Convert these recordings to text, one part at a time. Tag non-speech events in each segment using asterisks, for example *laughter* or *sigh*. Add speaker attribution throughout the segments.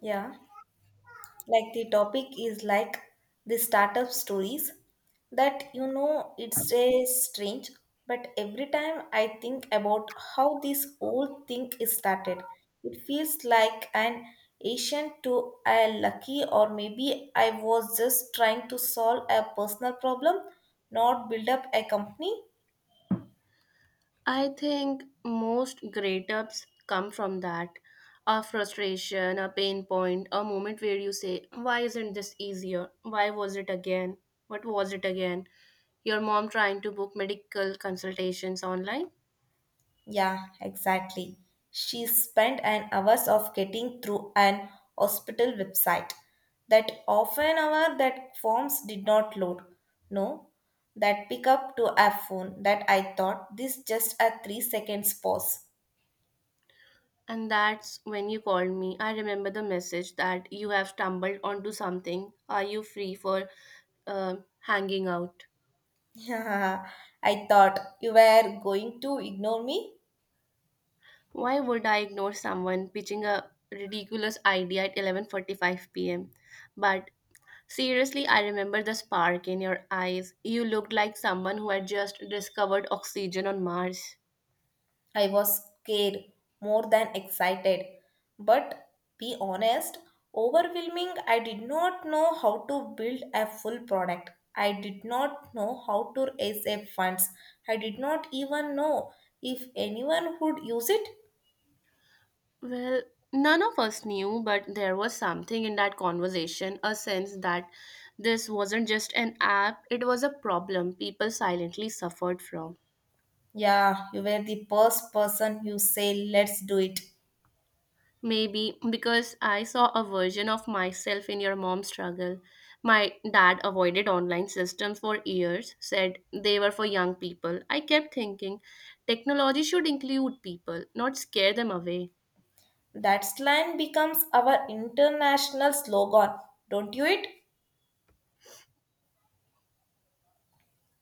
Speaker 1: Yeah, the topic is the startup stories that you know it's a strange, but every time I think about how this whole thing is started, it feels like an ancient to a lucky or maybe I was just trying to solve a personal problem, not build up a company.
Speaker 2: I think most great ups come from that a frustration, a pain point, a moment where you say, why isn't this easier? Why was it again? What was it again? Your mom trying to book medical consultations online.
Speaker 1: Yeah, exactly. She spent an hours of getting through an hospital website. That half an hour that forms did not load. No, that pickup to a phone that I thought this just a 3 seconds pause.
Speaker 2: And that's when you called me. I remember the message that you have stumbled onto something. Are you free for hanging out?
Speaker 1: *laughs* I thought you were going to ignore me.
Speaker 2: Why would I ignore someone pitching a ridiculous idea at 11:45 p.m.? But seriously, I remember the spark in your eyes. You looked like someone who had just discovered oxygen on Mars.
Speaker 1: I was scared more than excited, but be honest, overwhelming. I did not know how to build a full product. I did not know how to raise a funds. I did not even know if anyone would use it.
Speaker 2: Well, none of us knew, but there was something in that conversation, a sense that this wasn't just an app, it was a problem people silently suffered from.
Speaker 1: Yeah, you were the first person who say let's do it.
Speaker 2: Maybe because I saw a version of myself in your mom's struggle. My dad avoided online systems for years, said they were for young people. I kept thinking technology should include people, not scare them away.
Speaker 1: That slang becomes our international slogan, don't you it?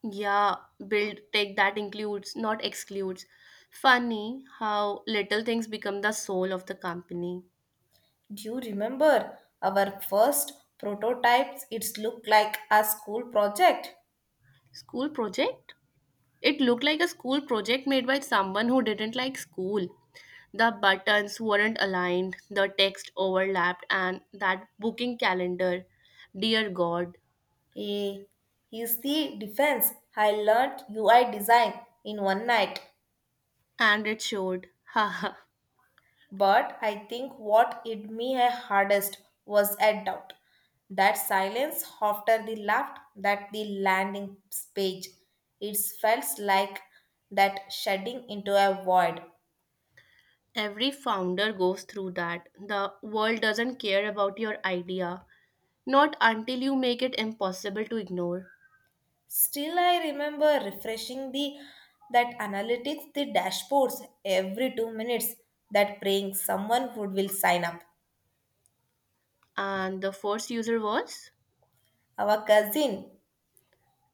Speaker 2: Yeah, build tech that includes, not excludes. Funny how little things become the soul of the company.
Speaker 1: Do you remember our first prototypes? It's looked like a school project.
Speaker 2: School project? It looked like a school project made by someone who didn't like school. The buttons weren't aligned, the text overlapped, and that booking calendar, dear God,
Speaker 1: Eh, is the defense. I learned UI design in one night,
Speaker 2: and it showed. Haha.
Speaker 1: but I think what hit me hardest was a doubt. That silence after the left, that the landing page. It felt like that shedding into a void.
Speaker 2: Every founder goes through that. The world doesn't care about your idea, not until you make it impossible to ignore.
Speaker 1: Still, I remember refreshing the that analytics, the dashboards every 2 minutes. That praying someone would will sign up.
Speaker 2: And the first user was?
Speaker 1: Our cousin,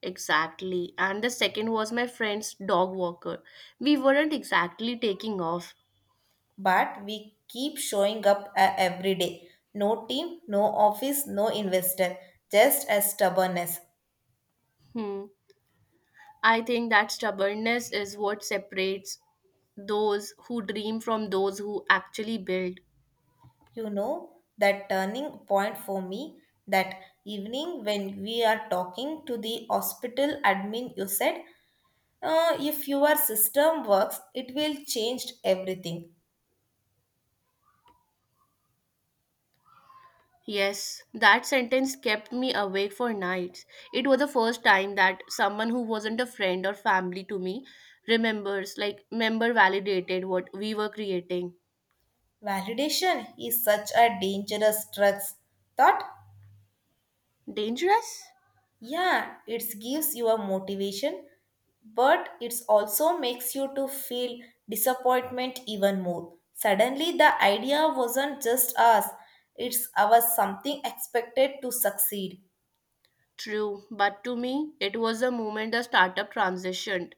Speaker 2: Exactly. And the second was my friend's dog walker. We weren't exactly taking off.
Speaker 1: but we keep showing up every day. No team, no office, no investor. Just as stubbornness.
Speaker 2: Hmm. I think that stubbornness is what separates those who dream from those who actually build.
Speaker 1: You know that turning point for me. That evening when we are talking to the hospital admin, you said if your system works, it will change everything.
Speaker 2: Yes, that sentence kept me awake for nights. It was the first time that someone who wasn't a friend or family to me remembers, like, member validated what we were creating.
Speaker 1: Validation is such a dangerous drug thought.
Speaker 2: Dangerous?
Speaker 1: Yeah, it gives you a motivation, but it also makes you to feel disappointment even more. Suddenly the idea wasn't just us, it's our something expected to succeed.
Speaker 2: True, but to me, it was the moment the startup transitioned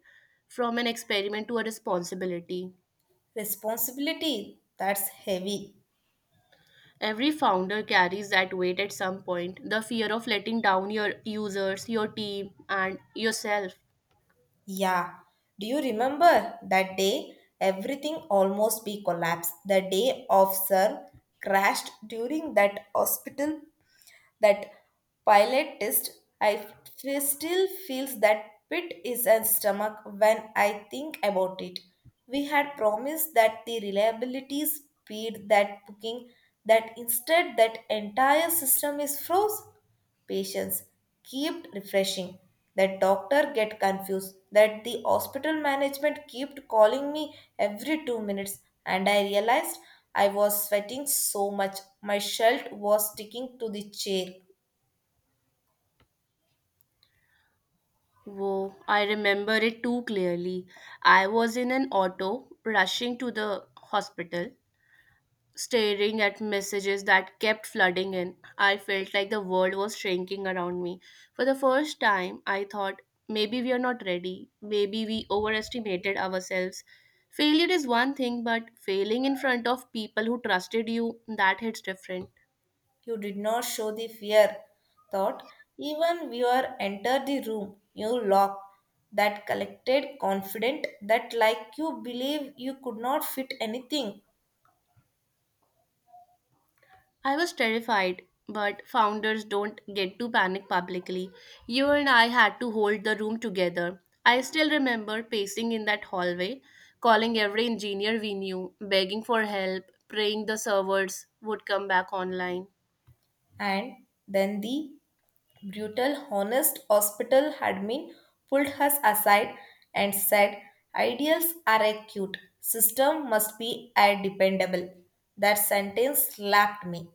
Speaker 2: from an experiment to a responsibility.
Speaker 1: Responsibility, that's heavy.
Speaker 2: Every founder carries that weight at some point. The fear of letting down your users, your team, and yourself.
Speaker 1: Yeah. Do you remember that day everything almost be collapsed? The day officer crashed during that hospital. That pilot test, still feels that pit is a stomach when I think about it. We had promised that the reliability speed that booking, that instead that entire system is froze. Patients kept refreshing. That doctor get confused. That the hospital management kept calling me every 2 minutes, and I realized I was sweating so much. My shirt was sticking to the chair.
Speaker 2: Whoa, I remember it too clearly. I was in an auto rushing to the hospital, staring at messages that kept flooding in. I felt like the world was shrinking around me. For the first time, I thought maybe we are not ready, maybe we overestimated ourselves. Failure is one thing, but failing in front of people who trusted you, that hits different.
Speaker 1: You did not show the fear, thought. Even viewer entered the room, you locked, that collected, confident, that like you believe you could not fit anything.
Speaker 2: I was terrified, but founders don't get to panic publicly. You and I had to hold the room together. I still remember pacing in that hallway, calling every engineer we knew, begging for help, praying the servers would come back online.
Speaker 1: And then the brutal, honest hospital admin pulled us aside and said, ideals are acute, system must be air dependable. That sentence slapped me.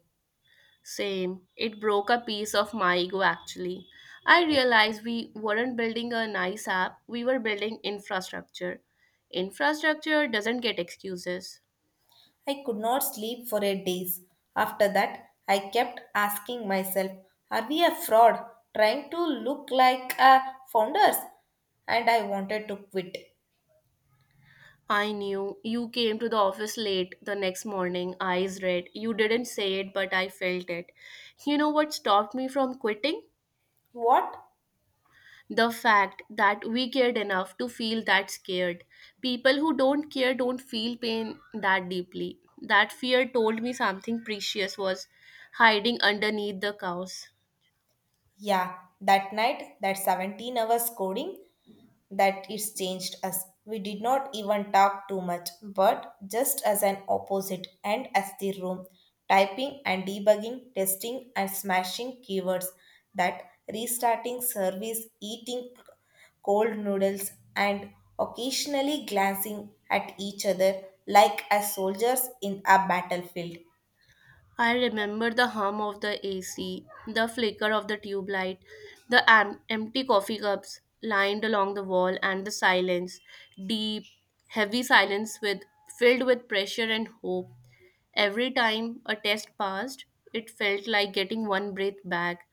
Speaker 2: Same. It broke a piece of my ego actually. I realized we weren't building a nice app, we were building infrastructure. Infrastructure doesn't get excuses.
Speaker 1: I could not sleep for 8 days. After that, I kept asking myself, are we a fraud trying to look like a founders? And I wanted to quit.
Speaker 2: I knew you came to the office late the next morning, eyes red. You didn't say it, but I felt it. You know what stopped me from quitting?
Speaker 1: What?
Speaker 2: The fact that we cared enough to feel that scared. People who don't care don't feel pain that deeply. That fear told me something precious was hiding underneath the chaos.
Speaker 1: Yeah, that night, that 17 hours coding, that it's changed us. We did not even talk too much, but just as an opposite and as the room, typing and debugging, testing and smashing keywords, that restarting service, eating cold noodles, and occasionally glancing at each other like as soldiers in a battlefield.
Speaker 2: I remember the hum of the AC, the flicker of the tube light, the empty coffee cups lined along the wall, and the silence, deep, heavy silence with filled with pressure and hope. Every time a test passed, it felt like getting one breath back.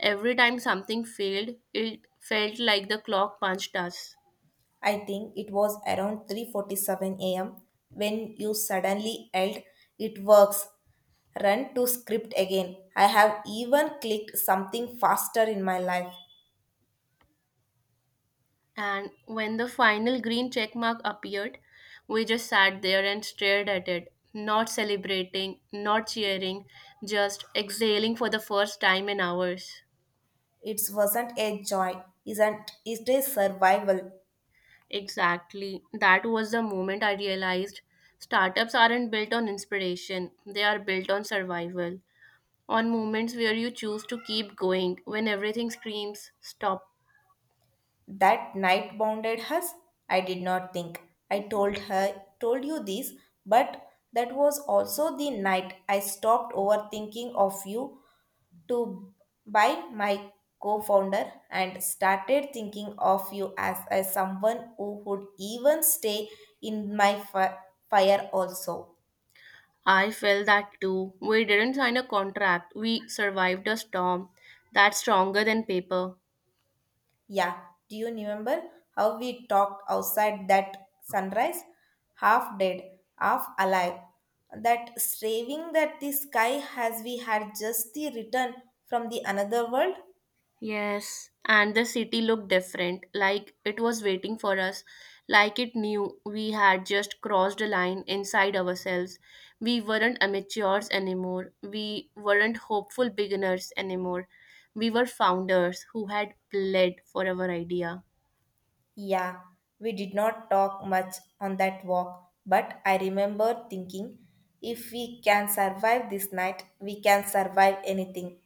Speaker 2: Every time something failed, it felt like the clock punched us.
Speaker 1: I think it was around 3:47 a.m. when you suddenly yelled, "It works!" Run to script again. I have even clicked something faster in my life.
Speaker 2: And when the final green check mark appeared, we just sat there and stared at it, not celebrating, not cheering, just exhaling for the first time in hours.
Speaker 1: It wasn't a joy, isn't it a survival?
Speaker 2: Exactly. That was the moment I realized startups aren't built on inspiration, they are built on survival. On moments where you choose to keep going when everything screams, stop.
Speaker 1: That night bounded us. I did not think. I told her, told you this, but that was also the night I stopped overthinking of you to by my co-founder and started thinking of you as, someone who would even stay in my fire also.
Speaker 2: I felt that too. We didn't sign a contract, we survived a storm that's stronger than paper.
Speaker 1: Yeah, do you remember how we talked outside that sunrise? Half dead, half alive. That striving that the sky has we had just the return from the another world?
Speaker 2: Yes, and the city looked different, like it was waiting for us, like it knew we had just crossed a line inside ourselves. We weren't amateurs anymore, we weren't hopeful beginners anymore. We were founders who had bled for our idea.
Speaker 1: Yeah, we did not talk much on that walk, but I remember thinking if we can survive this night, we can survive anything.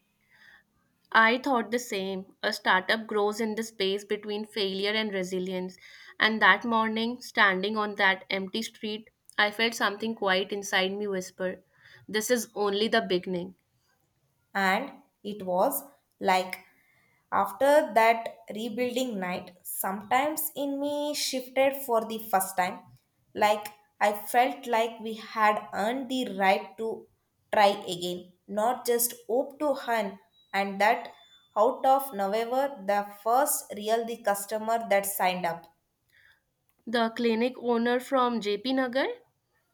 Speaker 2: I thought the same. A startup grows in the space between failure and resilience. And that morning, standing on that empty street, I felt something quiet inside me whisper, "This is only the beginning."
Speaker 1: And it was like after that rebuilding night, sometimes in me shifted for the first time. Like I felt like we had earned the right to try again, not just hope to hunt. And that out of November, the first real the customer that signed up.
Speaker 2: The clinic owner from JP Nagar,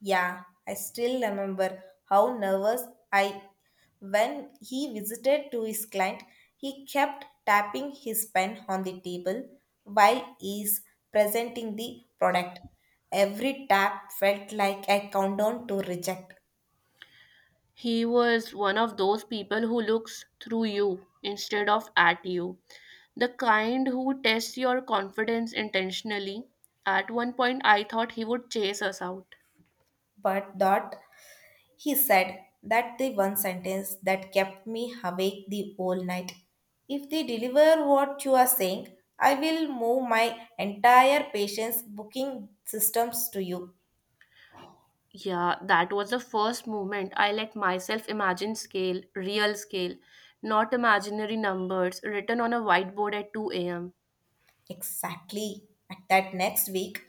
Speaker 1: Yeah, I still remember how nervous I when he visited to his client, he kept tapping his pen on the table while he's presenting the product. Every tap felt like a countdown to reject,
Speaker 2: he was one of those people who looks through you instead of at you. The kind who tests your confidence intentionally. At one point, I thought he would chase us out.
Speaker 1: but that he said that the one sentence that kept me awake the whole night. If they deliver what you are saying, I will move my entire patient's booking systems to you.
Speaker 2: Yeah, that was the first moment I let myself imagine scale, real scale, not imaginary numbers written on a whiteboard at 2 a.m.
Speaker 1: Exactly. At that next week,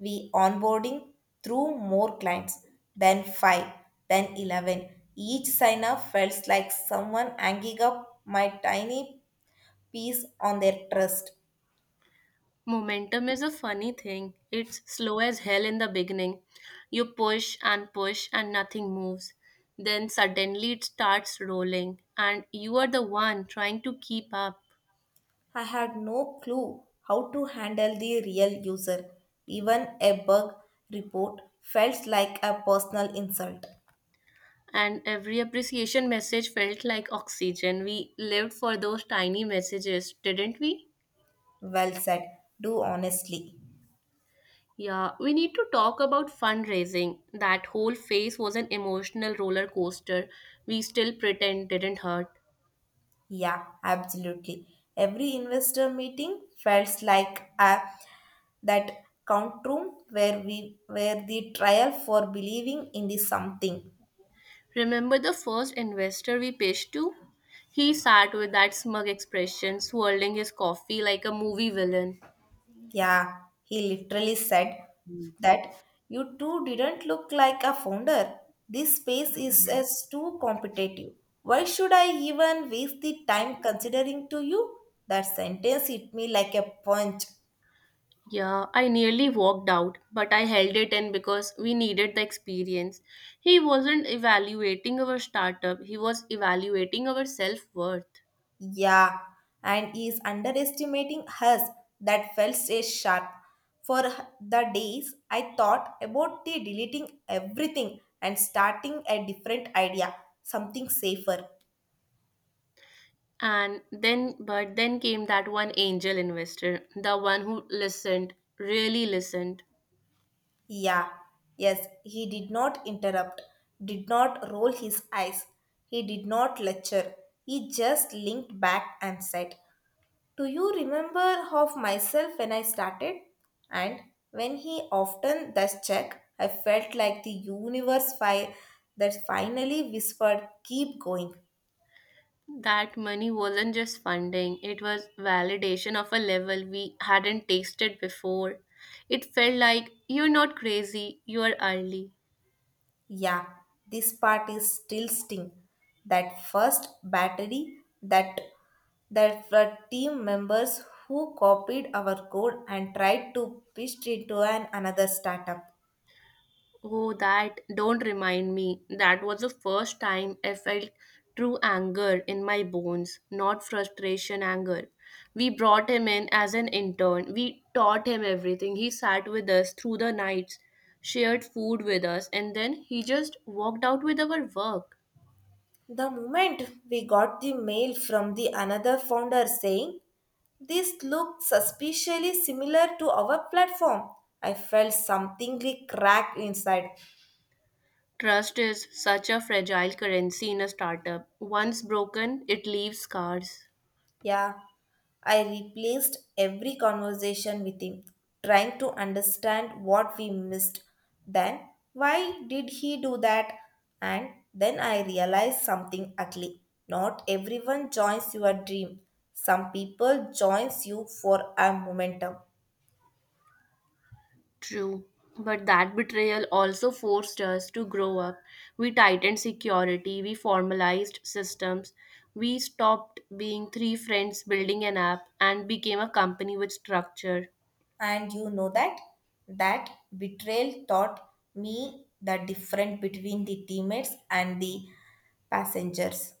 Speaker 1: we onboarding through more clients, then five, then 11. Each sign up felt like someone hanging up my tiny piece on their trust.
Speaker 2: Momentum is a funny thing. It's slow as hell in the beginning. You push and push and nothing moves. Then suddenly it starts rolling, and you are the one trying to keep up.
Speaker 1: I had no clue how to handle the real user. Even a bug report felt like a personal insult.
Speaker 2: And every appreciation message felt like oxygen. We lived for those tiny messages, didn't we?
Speaker 1: Well said. Do honestly.
Speaker 2: Yeah, we need to talk about fundraising. That whole phase was an emotional roller coaster we still pretend didn't hurt.
Speaker 1: Yeah, absolutely. Every investor meeting felt like a, that count room where we where the trial for believing in the something.
Speaker 2: Remember the first investor we pitched to? He sat with that smug expression, swirling his coffee like a movie villain.
Speaker 1: Yeah, he literally said that you two didn't look like a founder. This space is as too competitive. Why should I even waste the time considering to you? That sentence hit me like a punch.
Speaker 2: Yeah, I nearly walked out, but I held it in because we needed the experience. He wasn't evaluating our startup, he was evaluating our self worth.
Speaker 1: Yeah, and is underestimating us. That felt so sharp. For the days, I thought about the deleting everything and starting a different idea, something safer.
Speaker 2: But then came that one angel investor, the one who listened, really listened.
Speaker 1: Yeah, yes, he did not interrupt, did not roll his eyes, he did not lecture. He just linked back and said, do you remember of myself when I started? And when he often does check, I felt like the universe that finally whispered, keep going.
Speaker 2: That money wasn't just funding, it was validation of a level we hadn't tasted before. It felt like you're not crazy, you're early.
Speaker 1: Yeah, this part is still sting. That first battery, that were team members who copied our code and tried to pitch it to an another startup.
Speaker 2: Oh, that don't remind me. That was the first time I felt true anger in my bones, not frustration anger. We brought him in as an intern. We taught him everything. He sat with us through the nights, shared food with us, and then he just walked out with our work.
Speaker 1: The moment we got the mail from the another founder saying this looked suspiciously similar to our platform. I felt something crack inside.
Speaker 2: Trust is such a fragile currency in a startup. Once broken, it leaves scars.
Speaker 1: Yeah, I replaced every conversation with him, trying to understand what we missed. Then, why did he do that? And then I realized something ugly. Not everyone joins your dream. Some people joins you for a momentum.
Speaker 2: True, but that betrayal also forced us to grow up. We tightened security, we formalized systems, we stopped being three friends building an app and became a company with structure.
Speaker 1: And you know that betrayal taught me the difference between the teammates and the passengers.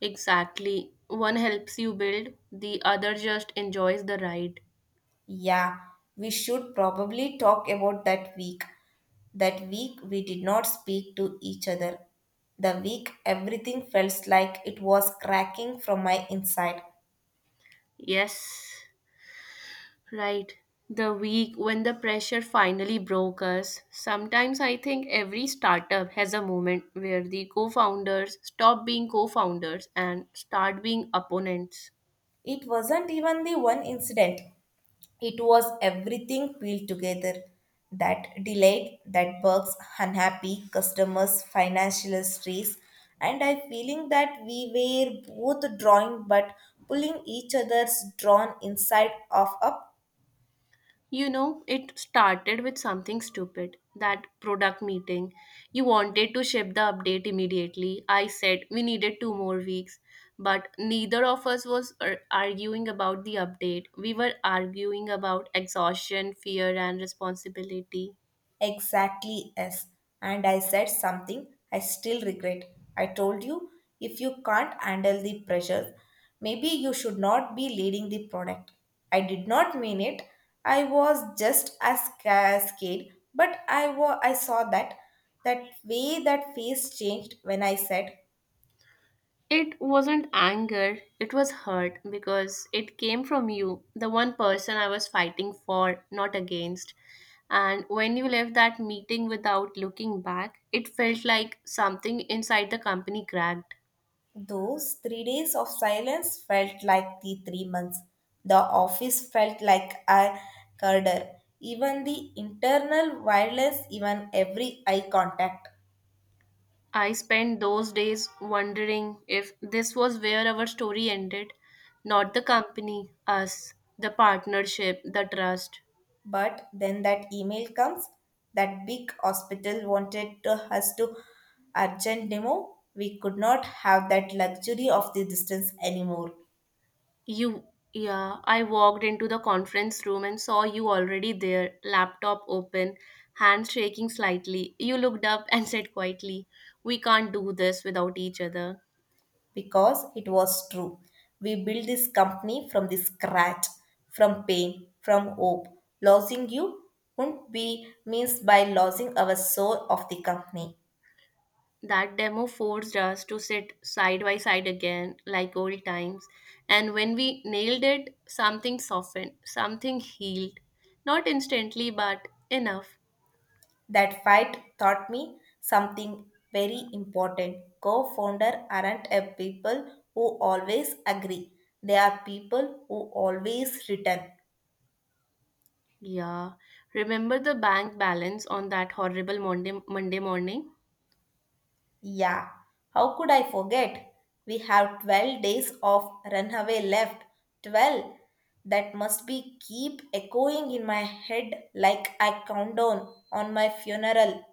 Speaker 2: Exactly. One helps you build, the other just enjoys the ride.
Speaker 1: Yeah, we should probably talk about that week. That week we did not speak to each other. The week everything felt like it was cracking from my inside.
Speaker 2: Yes. Right. The week when the pressure finally broke us. Sometimes I think every startup has a moment where the co founders stop being co founders and start being opponents.
Speaker 1: It wasn't even the one incident. It was everything peeled together. That delight, that bugs, unhappy customers, financial stress, and I feeling that we were both drawing but pulling each other's drawn inside of a.
Speaker 2: You know, it started with something stupid, that product meeting. You wanted to ship the update immediately. I said we needed 2 more weeks, but neither of us was arguing about the update. We were arguing about exhaustion, fear, and responsibility.
Speaker 1: Exactly, yes. And I said something I still regret. I told you if you can't handle the pressure, maybe you should not be leading the product. I did not mean it. I was just as scared, but I saw that way that face changed when I said.
Speaker 2: It wasn't anger, it was hurt because it came from you, the one person I was fighting for, not against. And when you left that meeting without looking back, it felt like something inside the company cracked.
Speaker 1: Those 3 days of silence felt like the 3 months. The office felt like a corridor. Even the internal wireless, even every eye contact.
Speaker 2: I spent those days wondering if this was where our story ended, not the company, us, the partnership, the trust.
Speaker 1: But then that email comes. That big hospital wanted to, us to urgent demo. We could not have that luxury of the distance anymore.
Speaker 2: You, yeah, I walked into the conference room and saw you already there, laptop open, hands shaking slightly. You looked up and said quietly, "We can't do this without each other."
Speaker 1: Because it was true. We built this company from the scratch, from pain, from hope. Losing you wouldn't be means by losing our soul of the company.
Speaker 2: That demo forced us to sit side by side again, like old times. And when we nailed it, something softened, something healed. Not instantly, but enough.
Speaker 1: That fight taught me something very important. Co-founder aren't a people who always agree. They are people who always return.
Speaker 2: Yeah. Remember the bank balance on that horrible Monday morning?
Speaker 1: Yeah, how could I forget? We have 12 days of runaway left. 12. That must be keep echoing in my head like I countdown on my funeral.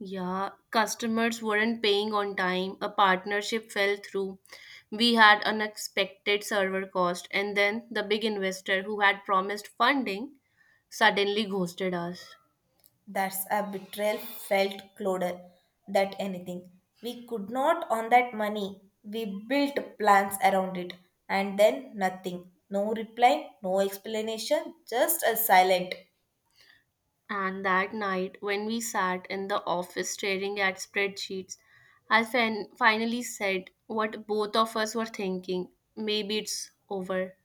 Speaker 2: Yeah, customers weren't paying on time, a partnership fell through. We had unexpected server cost, and then the big investor who had promised funding suddenly ghosted us.
Speaker 1: That's a betrayal felt closer that anything. We could not on that money. We built plans around it and then nothing. No reply, no explanation, just a silent.
Speaker 2: And that night, when we sat in the office staring at spreadsheets, I finally said what both of us were thinking, maybe it's over.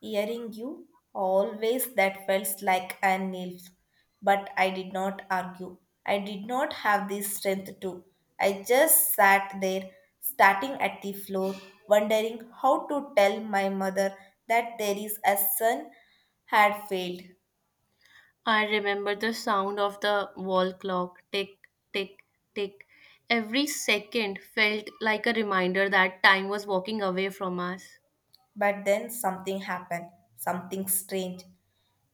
Speaker 1: Hearing you, always that felt like a nail. But I did not argue. I did not have the strength to. I just sat there, starting at the floor, wondering how to tell my mother that there is a son had failed.
Speaker 2: I remember the sound of the wall clock, tick, tick, tick. Every second felt like a reminder that time was walking away from us.
Speaker 1: But then something happened, something strange.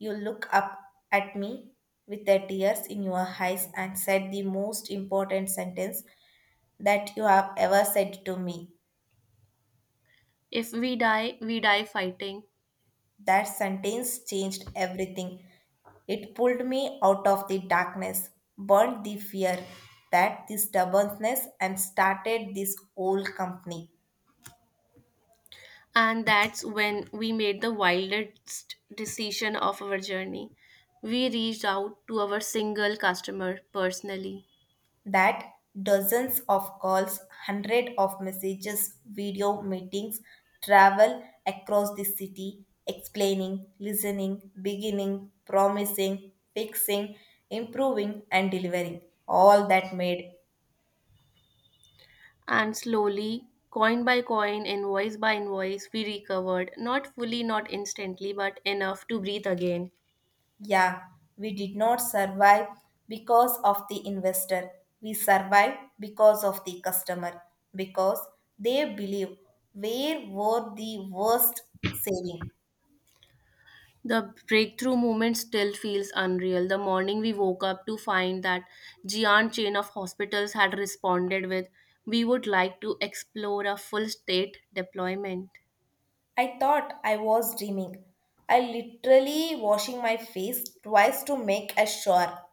Speaker 1: You look up at me with the tears in your eyes and said the most important sentence that you have ever said to me.
Speaker 2: If we die, we die fighting.
Speaker 1: That sentence changed everything. It pulled me out of the darkness, burned the fear that the stubbornness, and started this whole company.
Speaker 2: And that's when we made the wildest decision of our journey. We reached out to our single customer personally.
Speaker 1: That dozens of calls, hundred of messages, video meetings, travel across the city, explaining, listening, beginning, promising, fixing, improving, and delivering. All that made.
Speaker 2: And slowly, coin by coin, invoice by invoice, we recovered. Not fully, not instantly, but enough to breathe again.
Speaker 1: Yeah, we did not survive because of the investor. We survived because of the customer, because they believe where were the worst saving.
Speaker 2: The breakthrough moment still feels unreal. The morning we woke up to find that giant chain of hospitals had responded with, "We would like to explore a full state deployment."
Speaker 1: I thought I was dreaming. I literally washing my face twice to make a sure.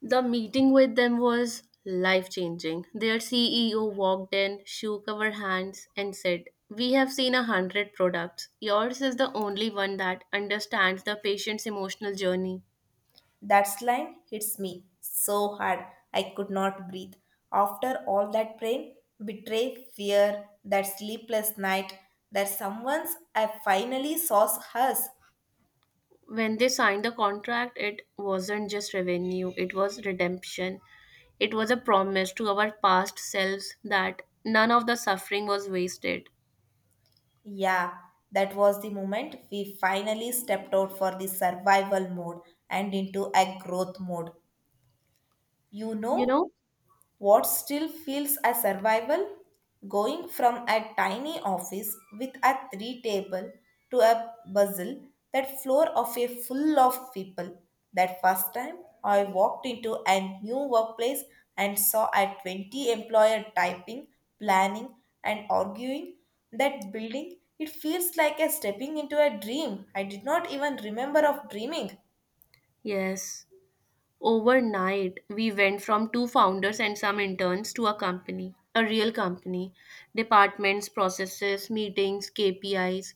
Speaker 2: The meeting with them was life changing. Their CEO walked in, shook our hands, and said, "We have seen 100 products. Yours is the only one that understands the patient's emotional journey."
Speaker 1: That line hits me so hard I could not breathe. After all that pain, betray, fear, that sleepless night, that someone's I finally saw hers.
Speaker 2: When they signed the contract, it wasn't just revenue, it was redemption. It was a promise to our past selves that none of the suffering was wasted.
Speaker 1: Yeah, that was the moment we finally stepped out for the survival mode and into a growth mode. You
Speaker 2: You
Speaker 1: know,
Speaker 2: know?
Speaker 1: what still feels a survival? Going from a tiny office with a three table to a bustle that floor of a full of people. That first time I walked into a new workplace and saw a 20 employer typing, planning and arguing that building, it feels like a stepping into a dream. I did not even remember of dreaming.
Speaker 2: Yes. Overnight, we went from two founders and some interns to a company, a real company. Departments, processes, meetings, KPIs,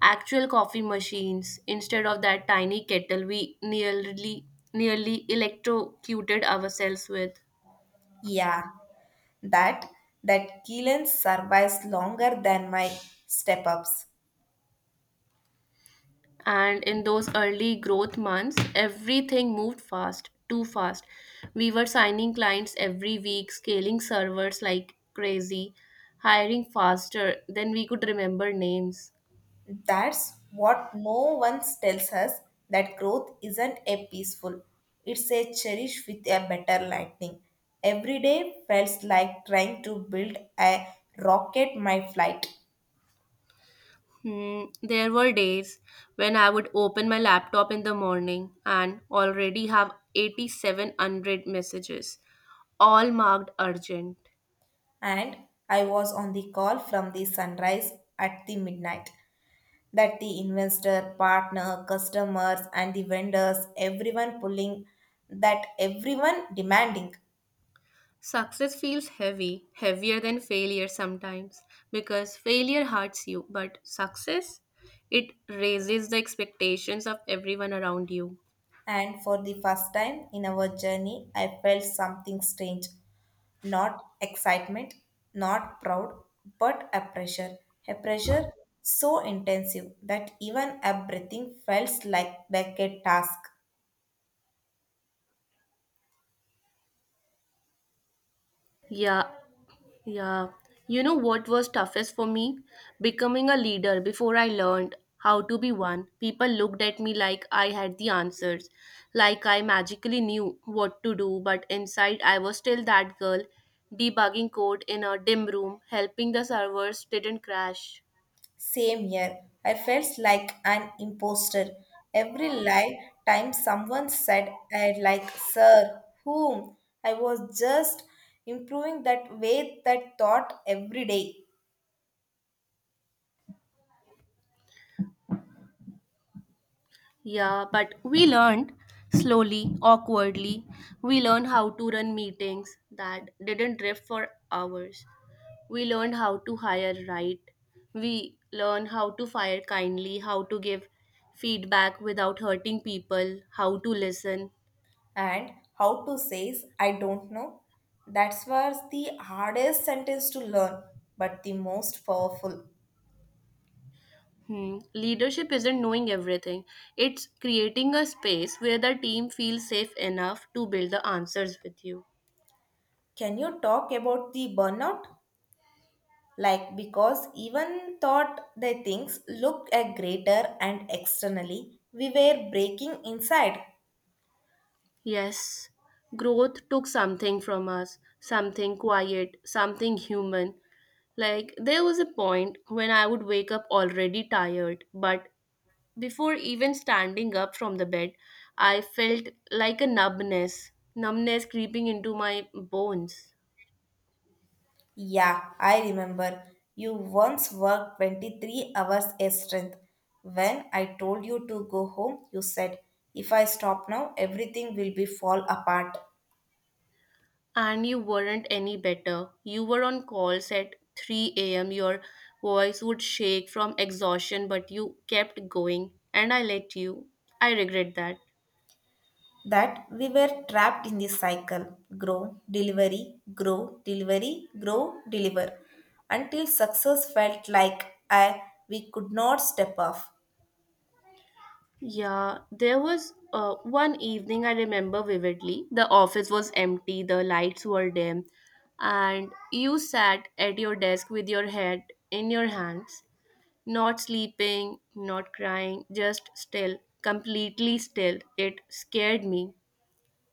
Speaker 2: actual coffee machines instead of that tiny kettle we nearly electrocuted ourselves with.
Speaker 1: Yeah. that that Keelan survives longer than my step ups.
Speaker 2: And in those early growth months, everything moved fast, too fast. We were signing clients every week, scaling servers like crazy, hiring faster than we could remember names.
Speaker 1: That's what no one tells us that growth isn't a peaceful. It's a cherish with a better lightning. Every day felt like trying to build a rocket my flight.
Speaker 2: Hmm. There were days when I would open my laptop in the morning and already have 8700 messages, all marked urgent.
Speaker 1: And I was on the call from the sunrise at the midnight. That the investor, partner, customers, and the vendors, everyone pulling, that everyone demanding.
Speaker 2: Success feels heavy, heavier than failure sometimes, because failure hurts you, but success, it raises the expectations of everyone around you.
Speaker 1: And for the first time in our journey, I felt something strange not excitement, not proud, but a pressure. A pressure so intensive that even a breathing felt like, a task.
Speaker 2: Yeah, yeah. You know what was toughest for me? Becoming a leader before I learned how to be one. People looked at me like I had the answers, like I magically knew what to do, but inside I was still that girl, debugging code in a dim room, helping the servers didn't crash.
Speaker 1: Same here. I felt like an imposter. Every lie time someone said, I sir, whom? I was just improving that way that thought every day.
Speaker 2: Yeah, but we learned slowly, awkwardly. We learned how to run meetings that didn't drift for hours. We learned how to hire right. We learned how to fire kindly, how to give feedback without hurting people, how to listen.
Speaker 1: And how to say is, I don't know. That's was the hardest sentence to learn, but the most powerful.
Speaker 2: Hmm. Leadership isn't knowing everything, it's creating a space where the team feels safe enough to build the answers with you.
Speaker 1: Can you talk about the burnout? Like because even thought the things looked a greater and externally we were breaking inside.
Speaker 2: Yes, growth took something from us, something quiet, something human. Like, there was a point when I would wake up already tired, but before even standing up from the bed, I felt like a numbness creeping into my bones.
Speaker 1: Yeah, I remember you once worked 23 hours a strength. When I told you to go home you said if I stop now everything will be fall apart.
Speaker 2: And you weren't any better. You were on calls at 3 a.m. Your voice would shake from exhaustion, but you kept going, and I let you. I regret that.
Speaker 1: That we were trapped in this cycle, grow delivery, grow delivery, grow deliver, until success felt like I, we could not step off.
Speaker 2: Yeah, there was one evening I remember vividly. The office was empty, the lights were dim, and you sat at your desk with your head in your hands, not sleeping, not crying, just still, completely still. It scared me.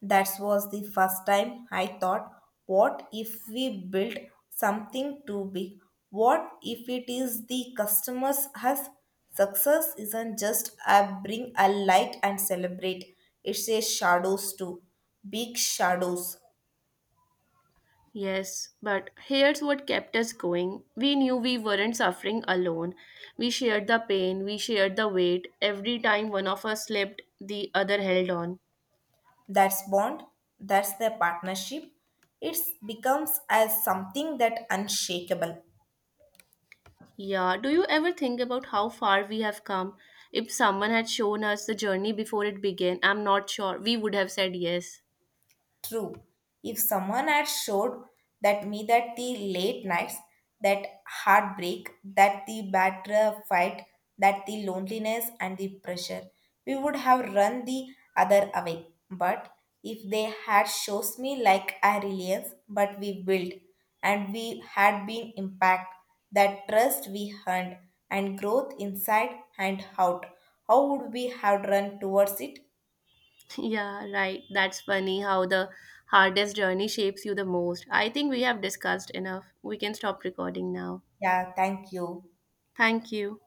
Speaker 1: That was the first time I thought, what if we build something too big? What if it is the customers has success isn't just I bring a light and celebrate. It's a shadows too. Big shadows.
Speaker 2: Yes, but here's what kept us going. We knew we weren't suffering alone. We shared the pain, we shared the weight. Every time one of us slipped, the other held on.
Speaker 1: That's bond. That's the partnership. It becomes as something that unshakable.
Speaker 2: Yeah, do you ever think about how far we have come? If someone had shown us the journey before it began, I'm not sure we would have said yes. *laughs*
Speaker 1: True. If someone had showed that me that the late nights, that heartbreak, that the battle fight, that the loneliness and the pressure, we would have run the other away. But if they had shows me like a reliance, but we built and we had been impact, that trust we earned and growth inside and out, how would we have run towards it?
Speaker 2: Yeah, right. That's funny how the hardest journey shapes you the most. I think we have discussed enough. We can stop recording now.
Speaker 1: Yeah, thank you.
Speaker 2: Thank you.